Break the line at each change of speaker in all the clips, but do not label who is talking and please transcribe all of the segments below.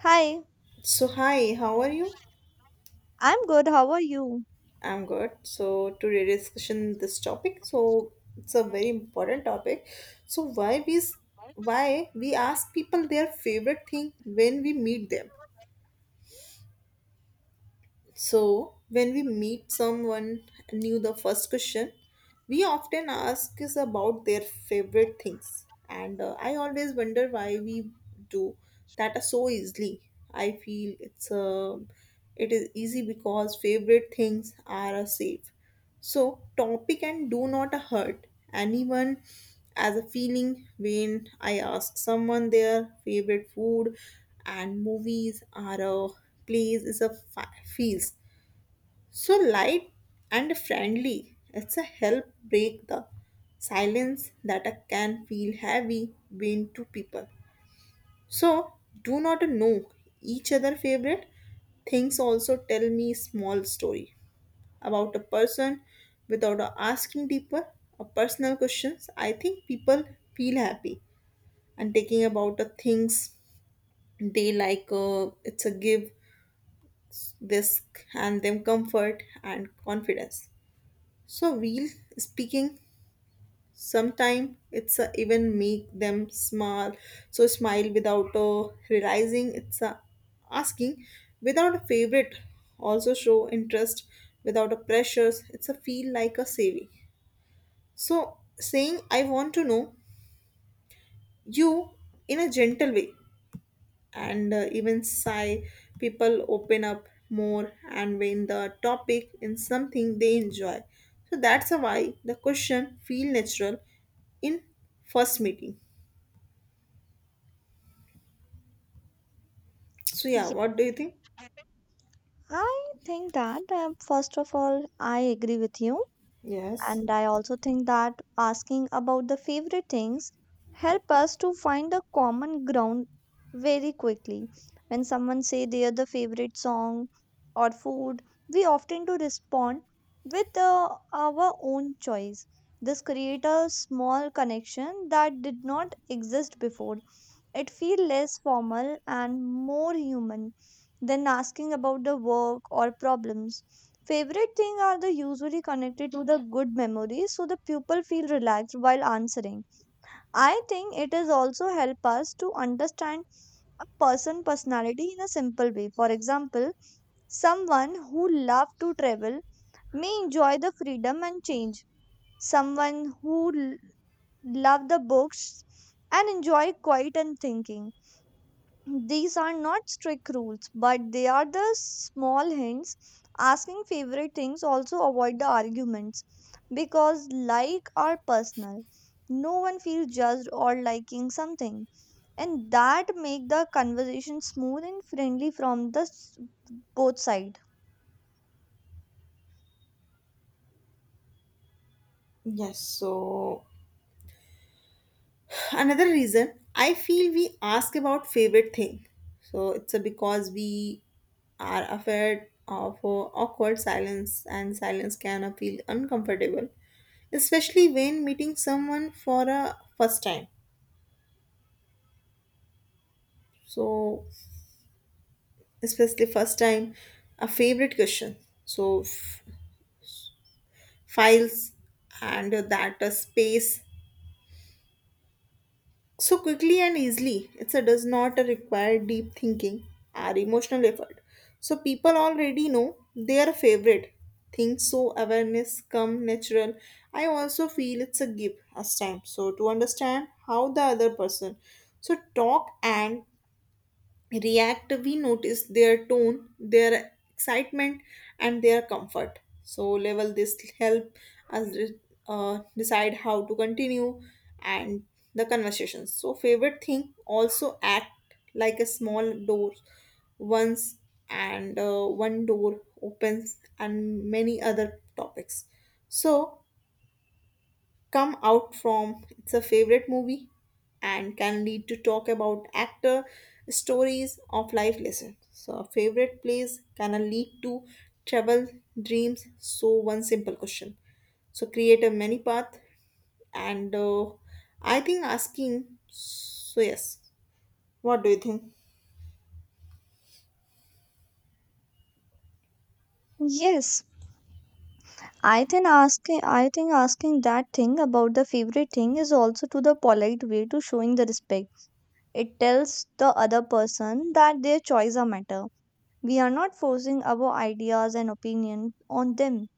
Hi,
So hi, how are you?
I'm good. How are you?
I'm good. So today discussion this topic. So it's a very important topic. So why we ask people their favorite thing when we meet them. So when we meet someone new, the first question. We often ask us about their favorite things, and I always wonder why we do that so easily. I feel it is easy because favorite things are safe. So topic and do not hurt anyone as a feeling when I ask someone their favorite food and movies are a plays is a feels so light and friendly. It's a help break the silence that a can feel heavy between two people. So do not know each other favorite things also tell me small story about a person without asking deeper or personal questions. I think people feel happy and taking about the things they like, it's a give this and them comfort and confidence. So, real speaking, sometimes it's a even make them smile, so smile without realizing it's a asking, without a favorite, also show interest, without a pressures, it's a feel like a saving. So, saying I want to know you in a gentle way, and even sigh people open up more and when the topic in something they enjoy, so that's why the question feel natural in first meeting. So yeah,
Yeah,
what do you think?
I think that first of all, I agree with you,
Yes.
and I also think that asking about the favorite things help us to find a common ground very quickly. When someone say they are the favorite song or food, we often do respond with our own choice. This create a small connection that did not exist before. It feels less formal and more human than asking about the work or problems. Favorite thing are the usually connected to the good memories so the pupil feel relaxed while answering. I think it is also help us to understand a person personality in a simple way. For example, someone who love to travel may enjoy the freedom and change. Someone who l- love the books and enjoy quiet and thinking, these are not strict rules, but they are the small hints. Asking favorite things also avoid the arguments because like are personal. No one feels judged or liking something, and that make the conversation smooth and friendly from both side.
Yes. So another reason I feel we ask about favorite thing, so it's a because we are afraid of awkward silence, and silence can feel uncomfortable especially when meeting someone for a first time. So especially first time a favorite question, so files and that space so quickly and easily. It's a does not require deep thinking or emotional effort. So people already know their favorite things, so awareness come natural. I also feel it's a give as time. So to understand how the other person so talk and react, we notice their tone, their excitement and their comfort, so level this help us decide how to continue and the conversations. So favorite thing also act like a small door once, and one door opens and many other topics so come out from it's a favorite movie and can lead to talk about actor stories of life lessons. So a favorite place can lead to travel dreams, so one simple question so create a many path, and I think asking, so yes, what do you think?
Yes, I think asking that thing about the favorite thing is also to the polite way to showing the respect. It tells the other person that their choice are matter. We are not forcing our ideas and opinion on them.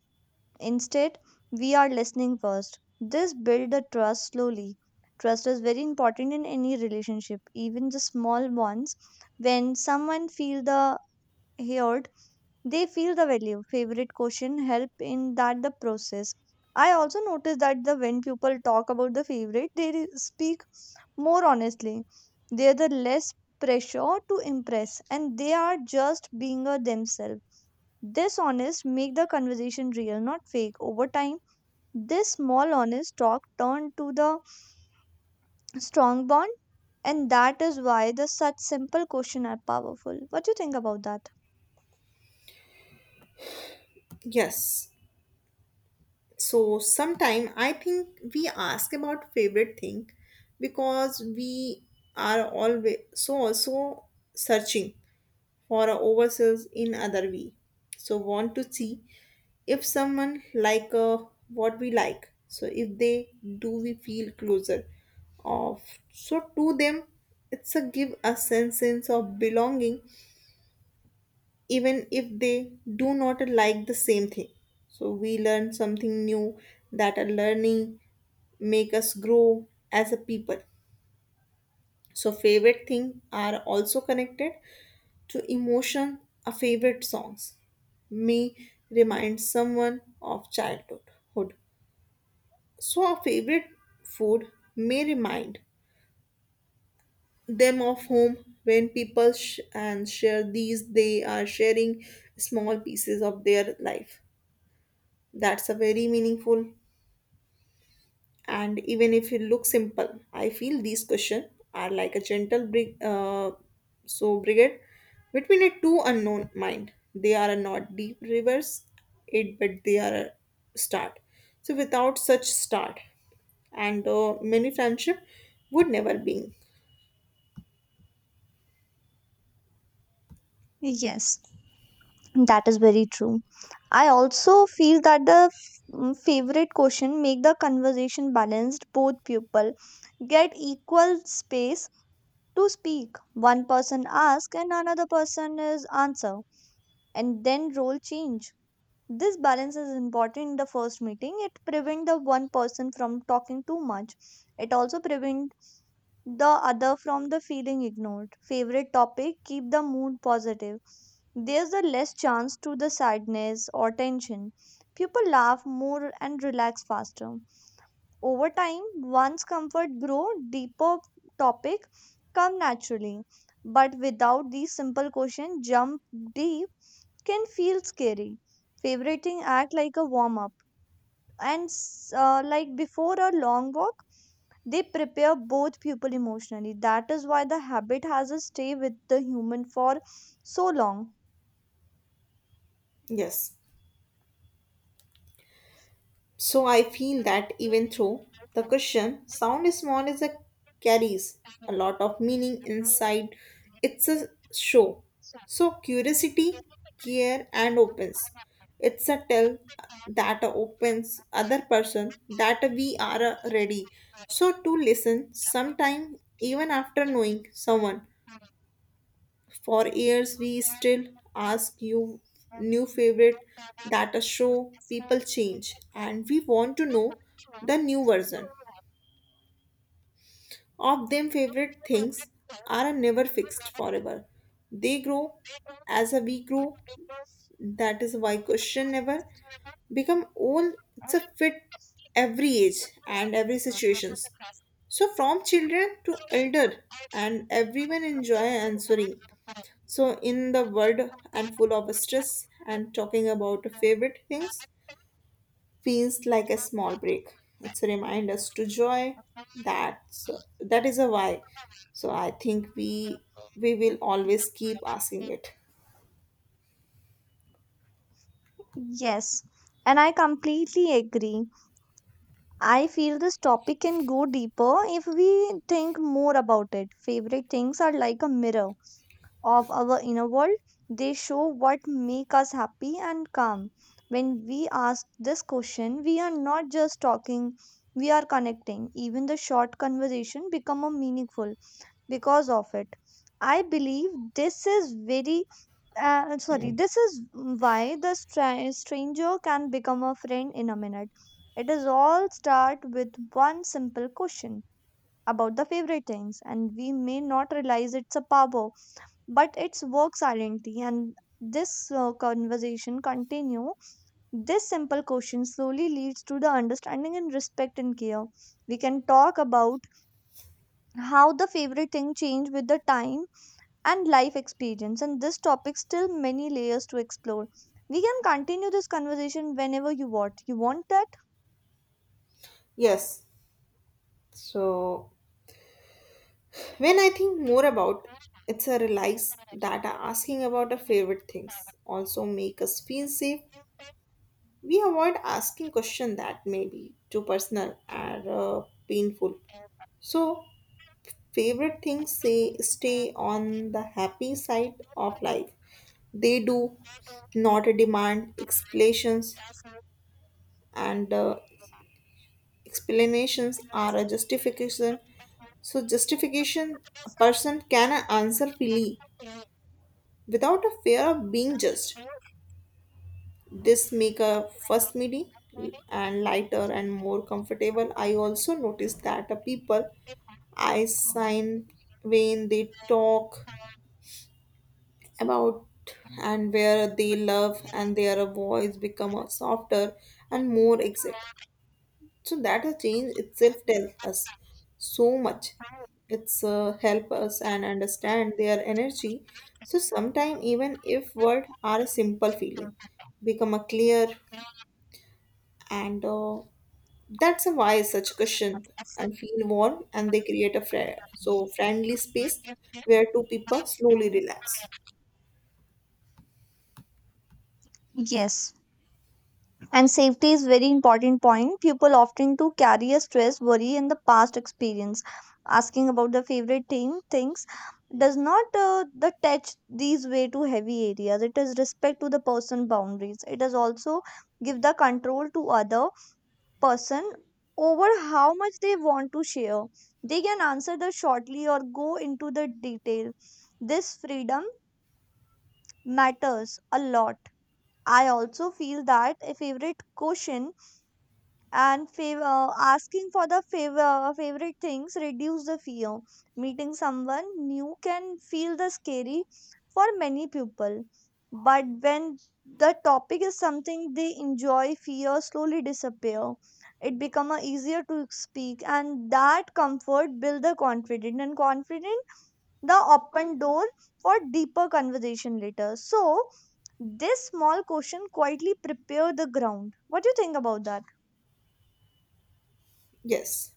Instead, we are listening first. This builds the trust slowly. Trust is very important in any relationship, even the small ones. When someone feel the heard, they feel the value. Favorite question help in that the process. I also notice that the when people talk about the favorite, speak more honestly. They're the less pressure to impress and they are just being a themselves. This honest make the conversation real, not fake. Over time, this small honest talk turned to the strong bond, and that is why the such simple question are powerful. What do you think about that?
Yes. So sometime I think we ask about favorite thing because we are always so also searching for ourselves in other way. So want to see if someone like, what we like. So if they do, we feel closer of. So to them, it's a give a sense of belonging, even if they do not like the same thing. So we learn something new that a learning make us grow as a people. So favorite thing are also connected to emotion are favorite songs may remind someone of childhood. Hood. So a favorite food may remind them of home when people and share these, they are sharing small pieces of their life. That's a very meaningful, and even if it looks simple, I feel these questions are like a gentle so brigade between a two unknown mind. They are not deep rivers it but they are a start. So without such start, and many friendship would never be.
Yes, that is very true. I also feel that favorite question make the conversation balanced. Both people get equal space to speak. One person ask and another person is answer, and then role change. This balance is important in the first meeting. It prevents the one person from talking too much. It also prevents the other from the feeling ignored. Favorite topic keep the mood positive. There's a less chance to the sadness or tension. People laugh more and relax faster. Over time, one's comfort grow, deeper topic come naturally. But without these simple questions, jump deep can feel scary. Favoriting act like a warm up, and like before a long walk, they prepare both people emotionally. That is why the habit has a stay with the human for so long.
Yes. So I feel that even though the question sound is small is a carries a lot of meaning inside it's a show. So curiosity, care and opens. It's a tell that opens other person that we are ready. So to listen sometime even after knowing someone for years, we still ask you new favorite, that a show people change, and we want to know the new version of them. Favorite things are never fixed forever; they grow as a we grow. That is why question never become old. It's a fit every age and every situations. So from children to elder, and everyone enjoy answering. So, in the world and full of stress, and talking about favorite things feels like a small break. It's a reminder us to joy. That's that is a why. So I think we will always keep asking it.
Yes, and I completely agree. I feel this topic can go deeper if we think more about it. Favorite things are like a mirror of our inner world. They show what make us happy and calm. When we ask this question, we are not just talking, we are connecting. Even the short conversation become a meaningful because of it. I believe this is very sorry, this is why the stranger can become a friend in a minute. It is all start with one simple question about the favorite things, and we may not realize it's a power, but its work silently, and this conversation continue. This simple question slowly leads to the understanding and respect and care. We can talk about how the favorite thing change with the time and life experience, and this topic still many layers to explore. We can continue this conversation whenever you want that.
Yes. So when I think more about it's a realize that asking about our favorite things also make us feel safe. We avoid asking question that may be too personal or painful. So favorite things say stay on the happy side of life. They do not demand explanations, and explanations are a justification. So, justification a person can answer freely without a fear of being judged. This make a first meeting and lighter and more comfortable. I also noticed that the people I sign when they talk about and where they love and their voice become a softer and more exit. So that a change itself tells us so much. It's help us and understand their energy. So sometimes even if words are a simple feeling, become a clear, and that's a why such question and feel warm and they create a so friendly space where two people slowly relax.
Yes, and safety is very important point. People often to carry a stress, worry, and the past experience. Asking about the favorite team things does not the touch these way to heavy areas. It is respect to the person boundaries. It is also give the control to other person over how much they want to share. They can answer the shortly or go into the detail. This freedom matters a lot. I also feel that a favorite question and asking for the favorite things reduce the fear. Meeting someone new can feel the scary for many people, but when the topic is something they enjoy, fear slowly disappear. It become a easier to speak, and that comfort build the confident and confident, the open door for deeper conversation later. So this small question quietly prepare the ground. What do you think about that?
Yes.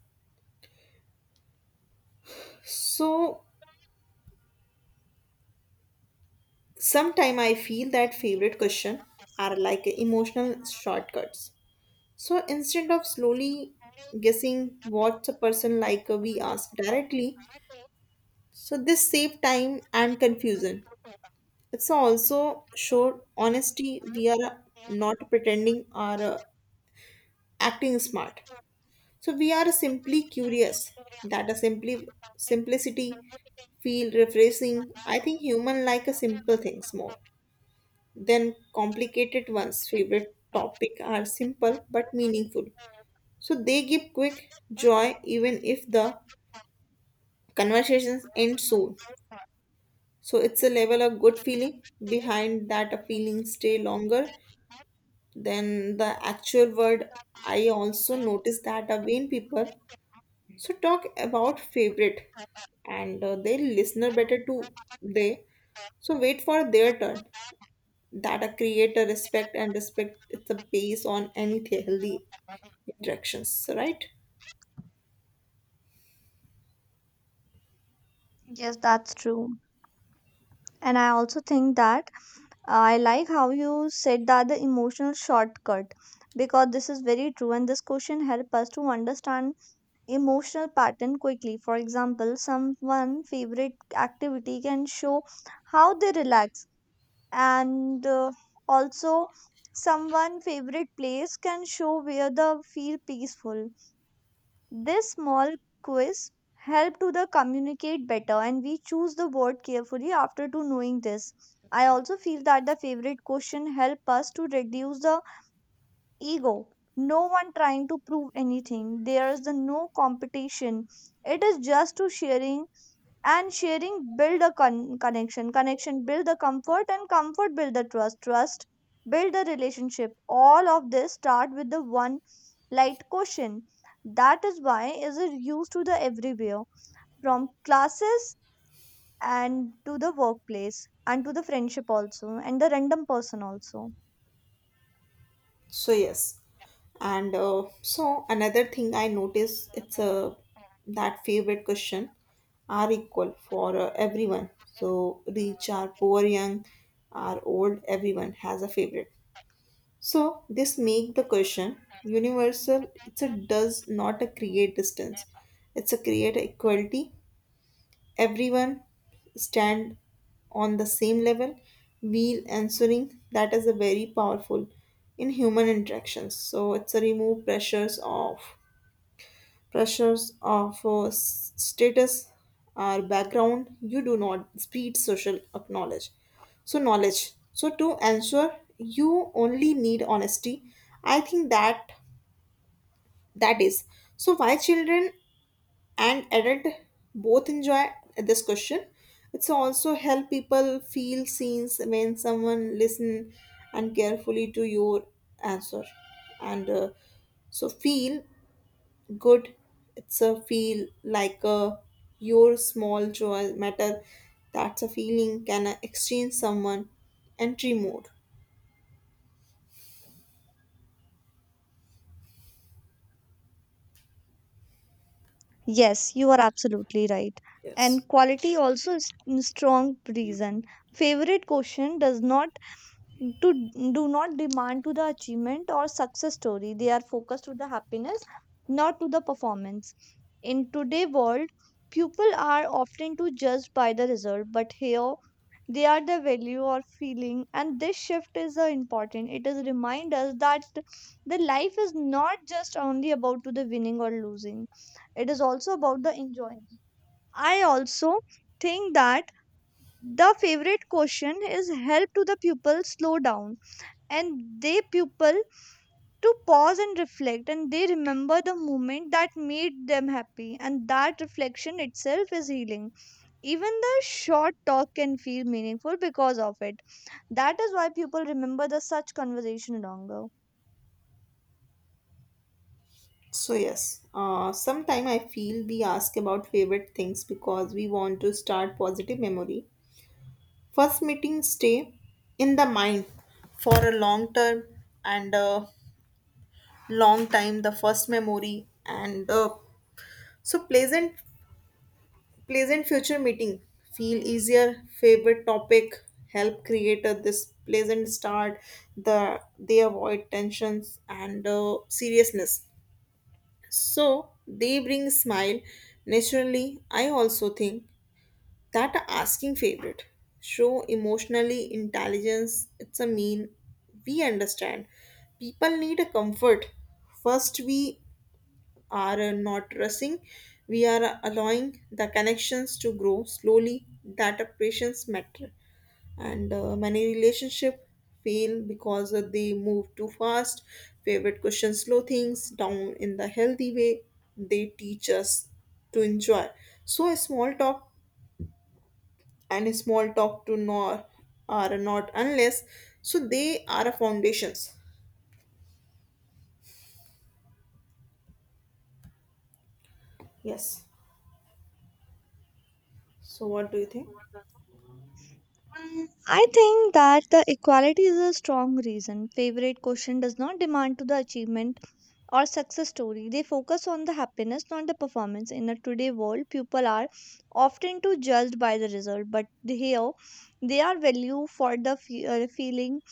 So sometimes I feel that favorite question are like emotional shortcuts. So instead of slowly guessing what a person like, we ask directly. So this save time and confusion. It's also show honesty. We are not pretending or acting smart. So we are simply curious. That a simply simplicity feel refreshing. I think human like a simple things more. Then complicated ones. Favorite topic are simple but meaningful. So they give quick joy even if the conversations end soon. So it's a level of good feeling. Behind that a feeling stay longer than the actual word. I also notice that a vain people so talk about favorite, and they listener better to they so wait for their turn, that a creator respect, and respect is the base on any healthy interactions, right?
Yes, that's true. And I also think that I like how you said that the emotional shortcut, because this is very true and this question help us to understand emotional pattern quickly. For example, someone favorite activity can show how they relax, and also someone favorite place can show where they feel peaceful. This small quiz help to the communicate better, and we choose the word carefully after to knowing this. I also feel that the favorite question help us to reduce the ego. No one trying to prove anything. There is the no competition. It is just to sharing, and sharing build a connection. Connection build the comfort, and comfort build the trust. Trust build the relationship. All of this start with the one light question. That is why is it used to the everywhere, from classes and to the workplace and to the friendship also and the random person also.
So yes, and so another thing I notice it's a that favorite question are equal for everyone, so rich are poor, young are old, everyone has a favorite. So this make the question universal. It's a does not a create distance. It's a create equality. Everyone stand on the same level while answering, that is a very powerful in human interactions. So it's a remove pressures of status or background. You do not speed social acknowledge so knowledge, so to answer you only need honesty. I think that is so why children and adult both enjoy this question. It's also help people feel seen when someone listen and carefully to your answer, and so feel good. It's a feel like a your small joy matter. That's a feeling can exchange someone entry mode.
Yes, you are absolutely right.
Yes.
And quality also is in strong reason. Favorite question does not to do not demand to the achievement or success story. They are focused to the happiness, not to the performance. In today world, people are often to judged by the result, but here they are the value or feeling, and this shift is important. It is remind us that the life is not just only about to the winning or losing. It is also about the enjoying. I also think that the favorite question is help to the pupil slow down, and they people to pause and reflect, and they remember the moment that made them happy, and that reflection itself is healing. Even the short talk can feel meaningful because of it. That is why people remember the such conversation longer.
So yes, sometime I feel we ask about favorite things because we want to start positive memory. First meeting stay in the mind for a long term and a long time, the first memory, and so pleasant future meeting feel easier. Favorite topic help create a, this pleasant start, they avoid tensions and seriousness. So they bring smile naturally. I also think that asking favorite show emotionally intelligence. It's a mean we understand people need a comfort first. We are not rushing. We are allowing the connections to grow slowly, that a patience matter, and many relationship fail because they move too fast. Favorite questions slow things down in the healthy way. They teach us to enjoy so small talk, and small talk to nor are not unless, so they are a foundations. Yes, so what do you think?
I think that the equality is a strong reason. Favorite question does not demand to the achievement or success story. They focus on the happiness, not the performance. In a today world, people are often too judged by the result, but here they are value for the feeling.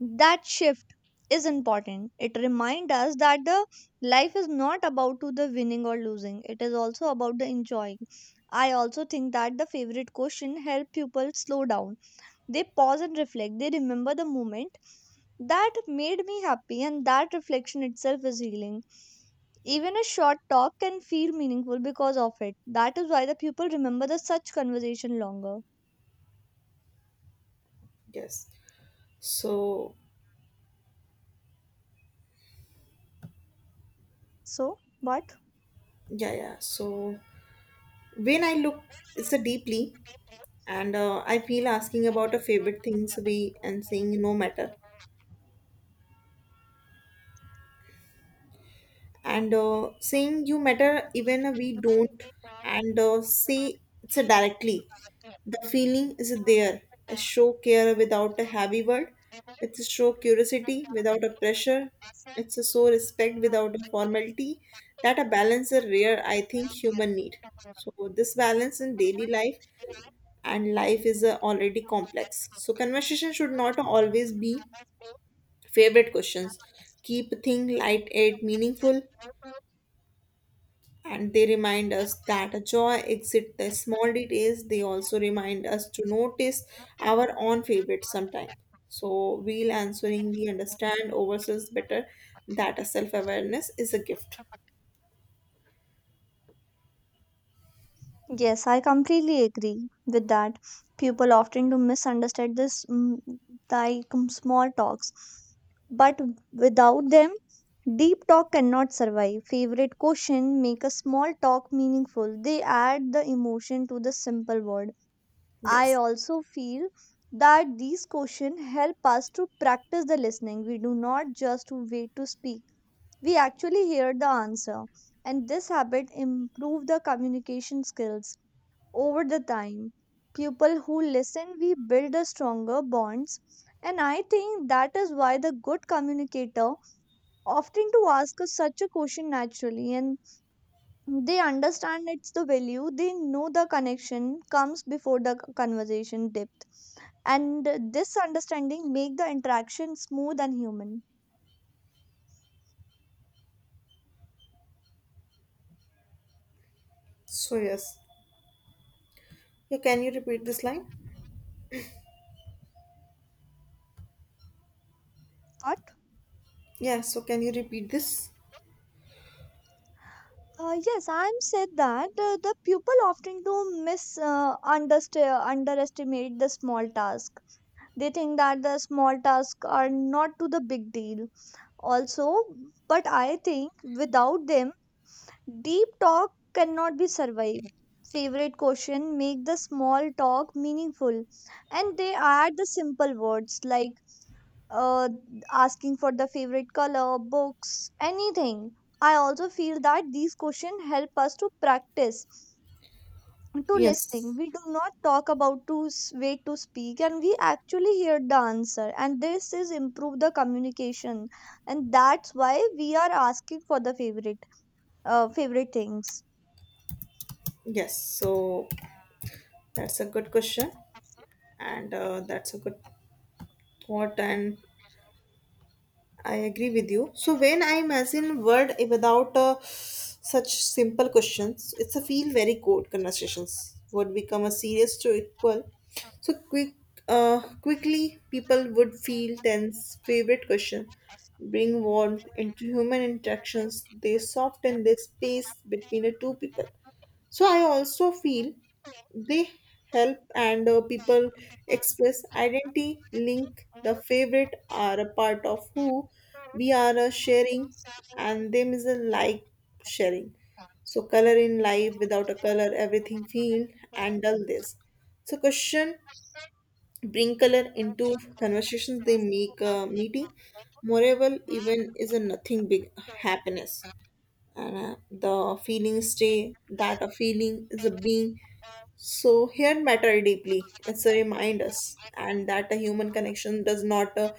That shift is important. It reminds us that the life is not about to the winning or losing. It is also about the enjoying. I also think that the favorite question help people slow down. They pause and reflect. They remember the moment that made me happy, and that reflection itself is healing. Even a short talk can feel meaningful because of it. That is why the people remember the such conversation longer.
Yes. So
So, what?
yeah, yeah, so when I look it's a deeply, and I feel asking about a favorite things we and saying no matter, and saying you matter even we don't, and say it's directly. The feeling is there, a show care without a heavy word. It's a show curiosity without a pressure. It's a show respect without a formality. That a balance is a rare, I think human need. So this balance in daily life, and life is already complex. So conversation should not always be favorite questions, keep thing light and meaningful, and they remind us that a joy exits the small details. They also remind us to notice our own favorites sometime. So while answering we understand ourselves better. That a self-awareness is a gift.
Yes, I completely agree with that. People often do misunderstand this like small talks, but without them, deep talk cannot survive. Favorite question make a small talk meaningful. They add the emotion to the simple word. I
Yes.
also feel that these questions help us to practice the listening. We do not just wait to speak. We actually hear the answer. And this habit improve the communication skills over the time. People who listen, we build a stronger bonds. And I think that is why the good communicator often to ask us such a question naturally, and they understand it's the value. They know the connection comes before the conversation depth, and this understanding make the interaction smooth and human.
So yes, yeah, can you repeat this line?
What?
Yeah, so can you repeat this?
Yes, I'm said that the pupil often do underestimate the small task. They think that the small tasks are not to the big deal also, but I think without them, deep talk cannot be survived. Favorite question make the small talk meaningful, and they add the simple words like uh, asking for the favorite color, books, anything. I also feel that these questions help us to practice to listening.
Yes,
We do not talk about to wait to speak, and we actually hear the answer. And this is improve the communication, and that's why we are asking for the favorite things.
yes. So that's a good question, and that's a good thought, and I agree with you. So when I imagine word without such simple questions, it's a feel very cold conversations would become a serious to equal. So quick, quickly people would feel tense. Favorite question, bring warmth into human interactions. They soften the space between the two people. So I also feel they help and people express identity, link the favorite are a part of who we are sharing, and them is a like sharing. So color in life without a color, everything feel and dull this. So question bring color into conversations. They make a meeting. Moreover, even is a nothing big happiness and the feeling stay that a feeling is a being so here matter deeply. It's a remind us, and that a human connection does not uh,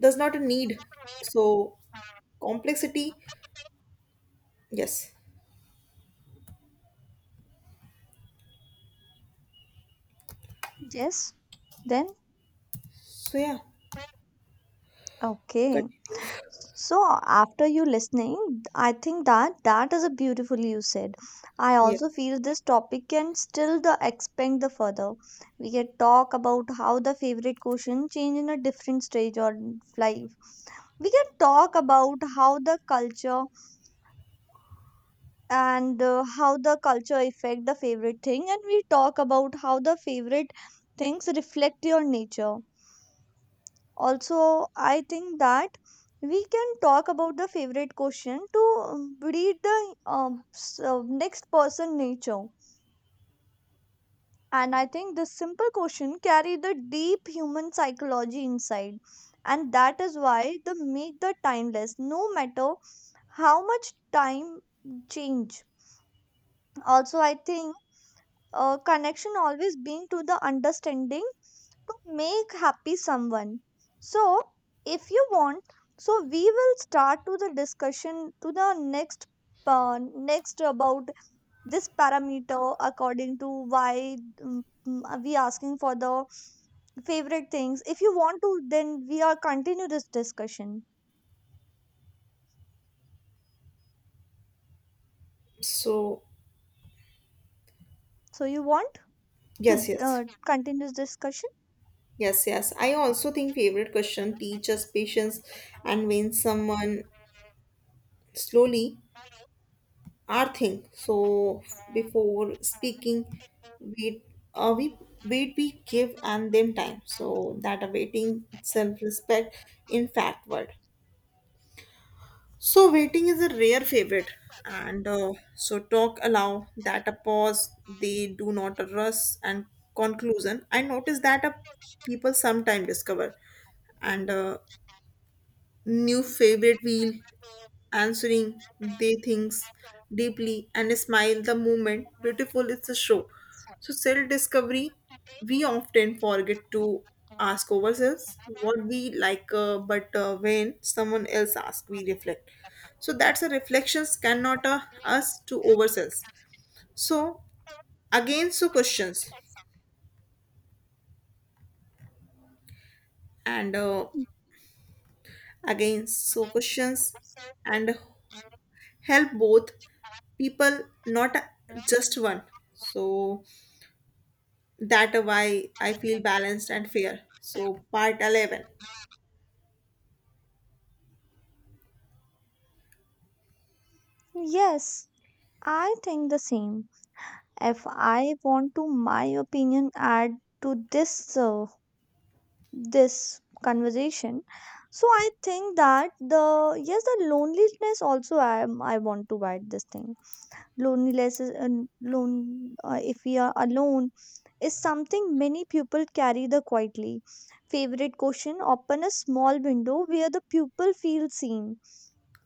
does not a need. So complexity, yes.
Yes. Then
So yeah,
okay.
continue.
So after you listening, I think that that is a beautiful you said. I
Yes.
also feel this topic can still the expand the further. We can talk about how the favorite question change in a different stage of life. We can talk about how the culture and how the culture affect the favorite thing, and we talk about how the favorite things reflect your nature. Also, I think that we can talk about the favorite question to read the next person nature. And I think this simple question carry the deep human psychology inside. And that is why they make the timeless, no matter how much time change. Also, I think connection always being to the understanding to make happy someone. So, if you want, so we will start to the discussion to the next uh, next about this parameter according to why mm, we asking for the favorite things. If you want to, then we are continue this discussion.
So
So you want
yes,
to
yes,
continue this discussion?
yes, yes. I also think favorite question teaches patience, and when someone slowly our thing. So before speaking, wait, uh, we we give and them time. So that awaiting self respect in fact word. So waiting is a rare favorite, and so talk allow that a pause. They do not a rush and conclusion. I notice that a people sometime discover and new favorite wheel answering they things deeply and smile the moment beautiful is a show so self discovery we often forget to ask ourselves what we like but when someone else asks we reflect so that's a reflections cannot us to ourselves so again so questions and uh, again so questions and help both people not just one so that why I feel balanced and fair so part 11.
Yes, I think the same. If I want to my opinion add to this this conversation, so I think that the yes the loneliness also, I want to write this thing. Loneliness is lone if we are alone is something many people carry the quietly. Favorite question open a small window where the pupil feels seen.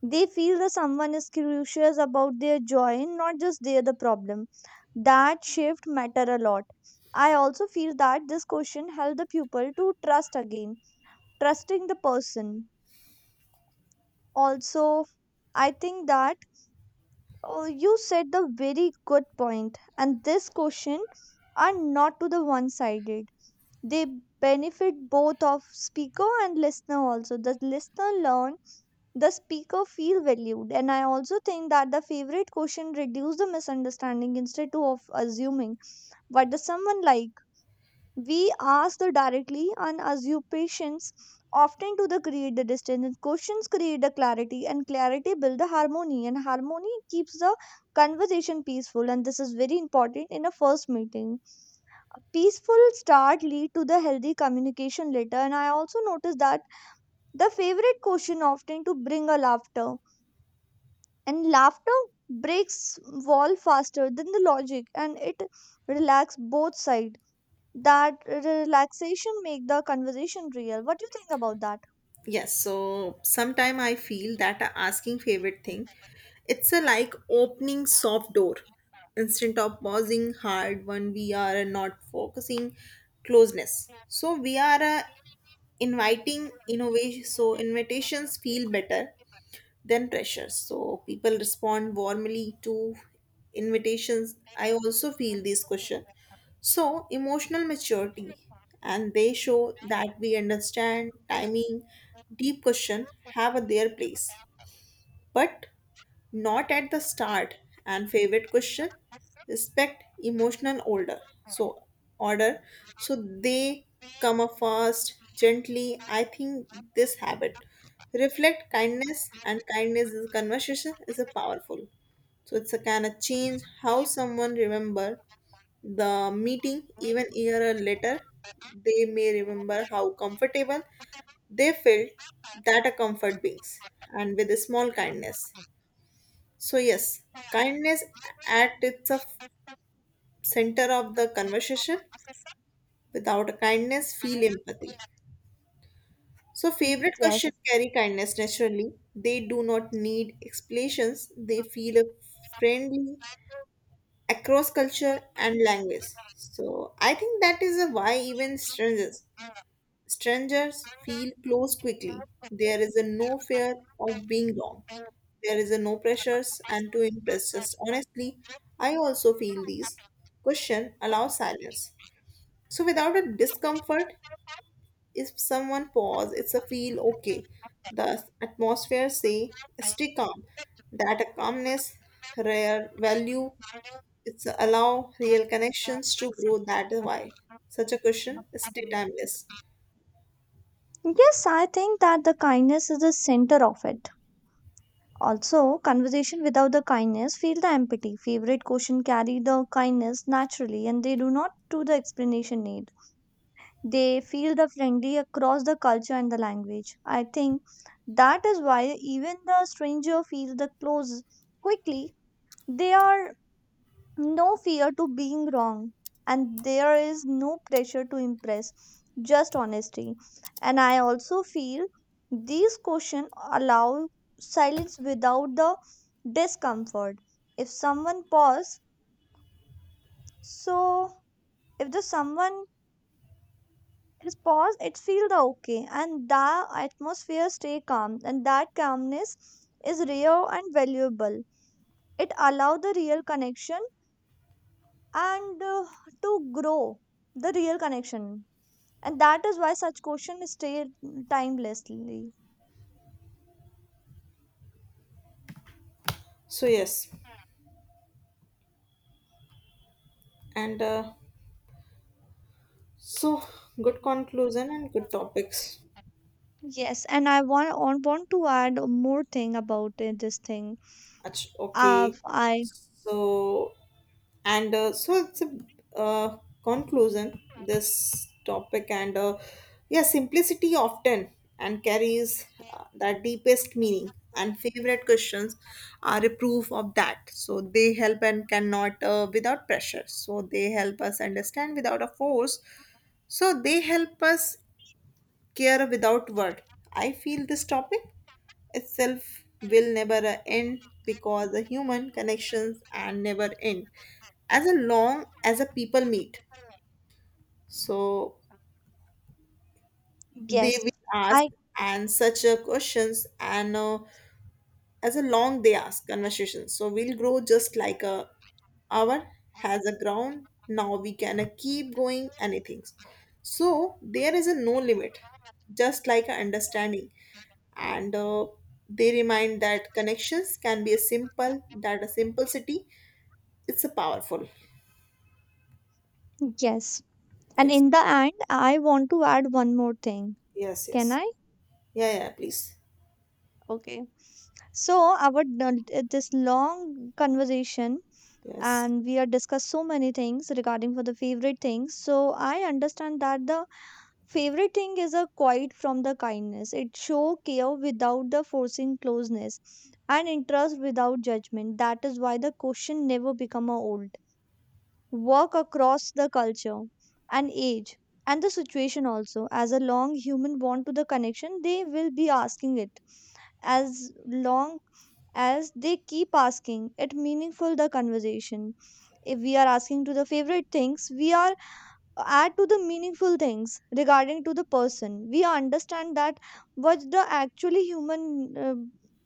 They feel that someone is curious about their joy and not just their the problem. That shift matter a lot. I also feel that this question help the pupil to trust again, trusting the person. Also, I think that you said the very good point, and this question are not to the one sided. They benefit both of speaker and listener. Also the listener learn, the speaker feel valued. And I also think that the favorite question reduce the misunderstanding instead to of assuming what does someone like. We ask the directly and assume patience often to the create the distance, and questions create the clarity, and clarity build the harmony, and harmony keeps the conversation peaceful, and this is very important in a first meeting. A peaceful start lead to the healthy communication later. And I also noticed that the favorite question often to bring a laughter, and laughter breaks wall faster than the logic, and it relax both sides. That relaxation make the conversation real. What do you think about that?
Yes, so sometime I feel that a asking favorite thing, it's a like opening soft door instead of pausing hard when we are not focusing closeness so we are inviting innovation so invitations feel better then pressure. So people respond warmly to invitations. I also feel this question. So emotional maturity, and they show that we understand timing, deep question have a their place. But not at the start and favorite question respect emotional order so order they come up first gently. I think this habit reflect kindness and kindness is conversation is a powerful so it's a kind of change how someone remember the meeting even year later. They may remember how comfortable they felt, that a comfort brings and with a small kindness so, yes, kindness at its of center of the conversation. Without kindness, feel empathy. So, favorite
Yes.
question carry kindness naturally. They do not need explanations. They feel friendly across culture and language. So, I think that is a why even strangers Strangers feel close quickly. There is a no fear of being wrong. There is a no pressures and to impress. Just honestly, I also feel these. Question allows silence. So without a discomfort, if someone pause, it's a feel okay. The atmosphere say stay calm. That a calmness, rare value, it's allow real connections to grow. That is why such a question stay timeless.
Yes, I think that the kindness is the center of it. Also conversation without the kindness feel the empathy. Favorite question carry the kindness naturally, and they do not do the explanation need. They feel the friendly across the culture and the language. I think that is why even the stranger feel the close quickly. They are no fear to being wrong, and there is no pressure to impress, just honesty. And I also feel these questions allow silence without the discomfort. If someone pause, so if the someone is paused, it feel the okay, and the atmosphere stay calm, and that calmness is real and valuable. It allow the real connection and to grow, the real connection. And that is why such questions stay timelessly.
So yes, and so good conclusion and good topics.
Yes, and I want to add more thing about this thing. uh,
Okay,
i
so and so it's a uh, conclusion this topic and yeah, simplicity often and carries that deepest meaning and favorite questions are a proof of that so they help and cannot without pressure so they help us understand without a force so they help us care without word. I feel this topic itself will never end because the human connections are never end as long as a people meet so
yes
they will ask
I
and such a questions and as a long they ask conversation. So we'll grow just like a hour has a ground. Now we can keep going anything. So there is a no limit, just like a understanding. And They remind that connections can be a simple, that a simplicity, it's a powerful.
yes, and
Yes.
in the end I want to add one more thing.
Yes,
Can
yes.
I?
Yeah, yeah, please.
Okay. So this long conversation,
Yes.
and we are discussed so many things regarding for the favorite things. So I understand that the favorite thing is a quiet from the kindness. It show care without the forcing closeness and interest without judgment. That is why the question never become a old. Work across the culture and age and the situation also. As a long human bond to the connection, they will be asking it. As long as they keep asking, it meaningful the conversation. If we are asking to the favorite things, we are add to the meaningful things regarding to the person. We understand that what the actually human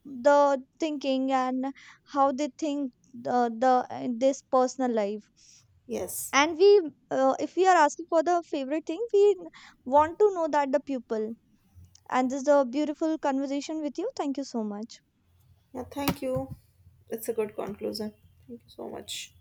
the thinking, and how they think the in this personal life.
Yes.
And we if we are asking for the favorite thing, we want to know that the pupil. And this is a beautiful conversation with you. Thank you so much.
Yeah, thank you. It's a good conclusion. Thank you so
Yes.
much.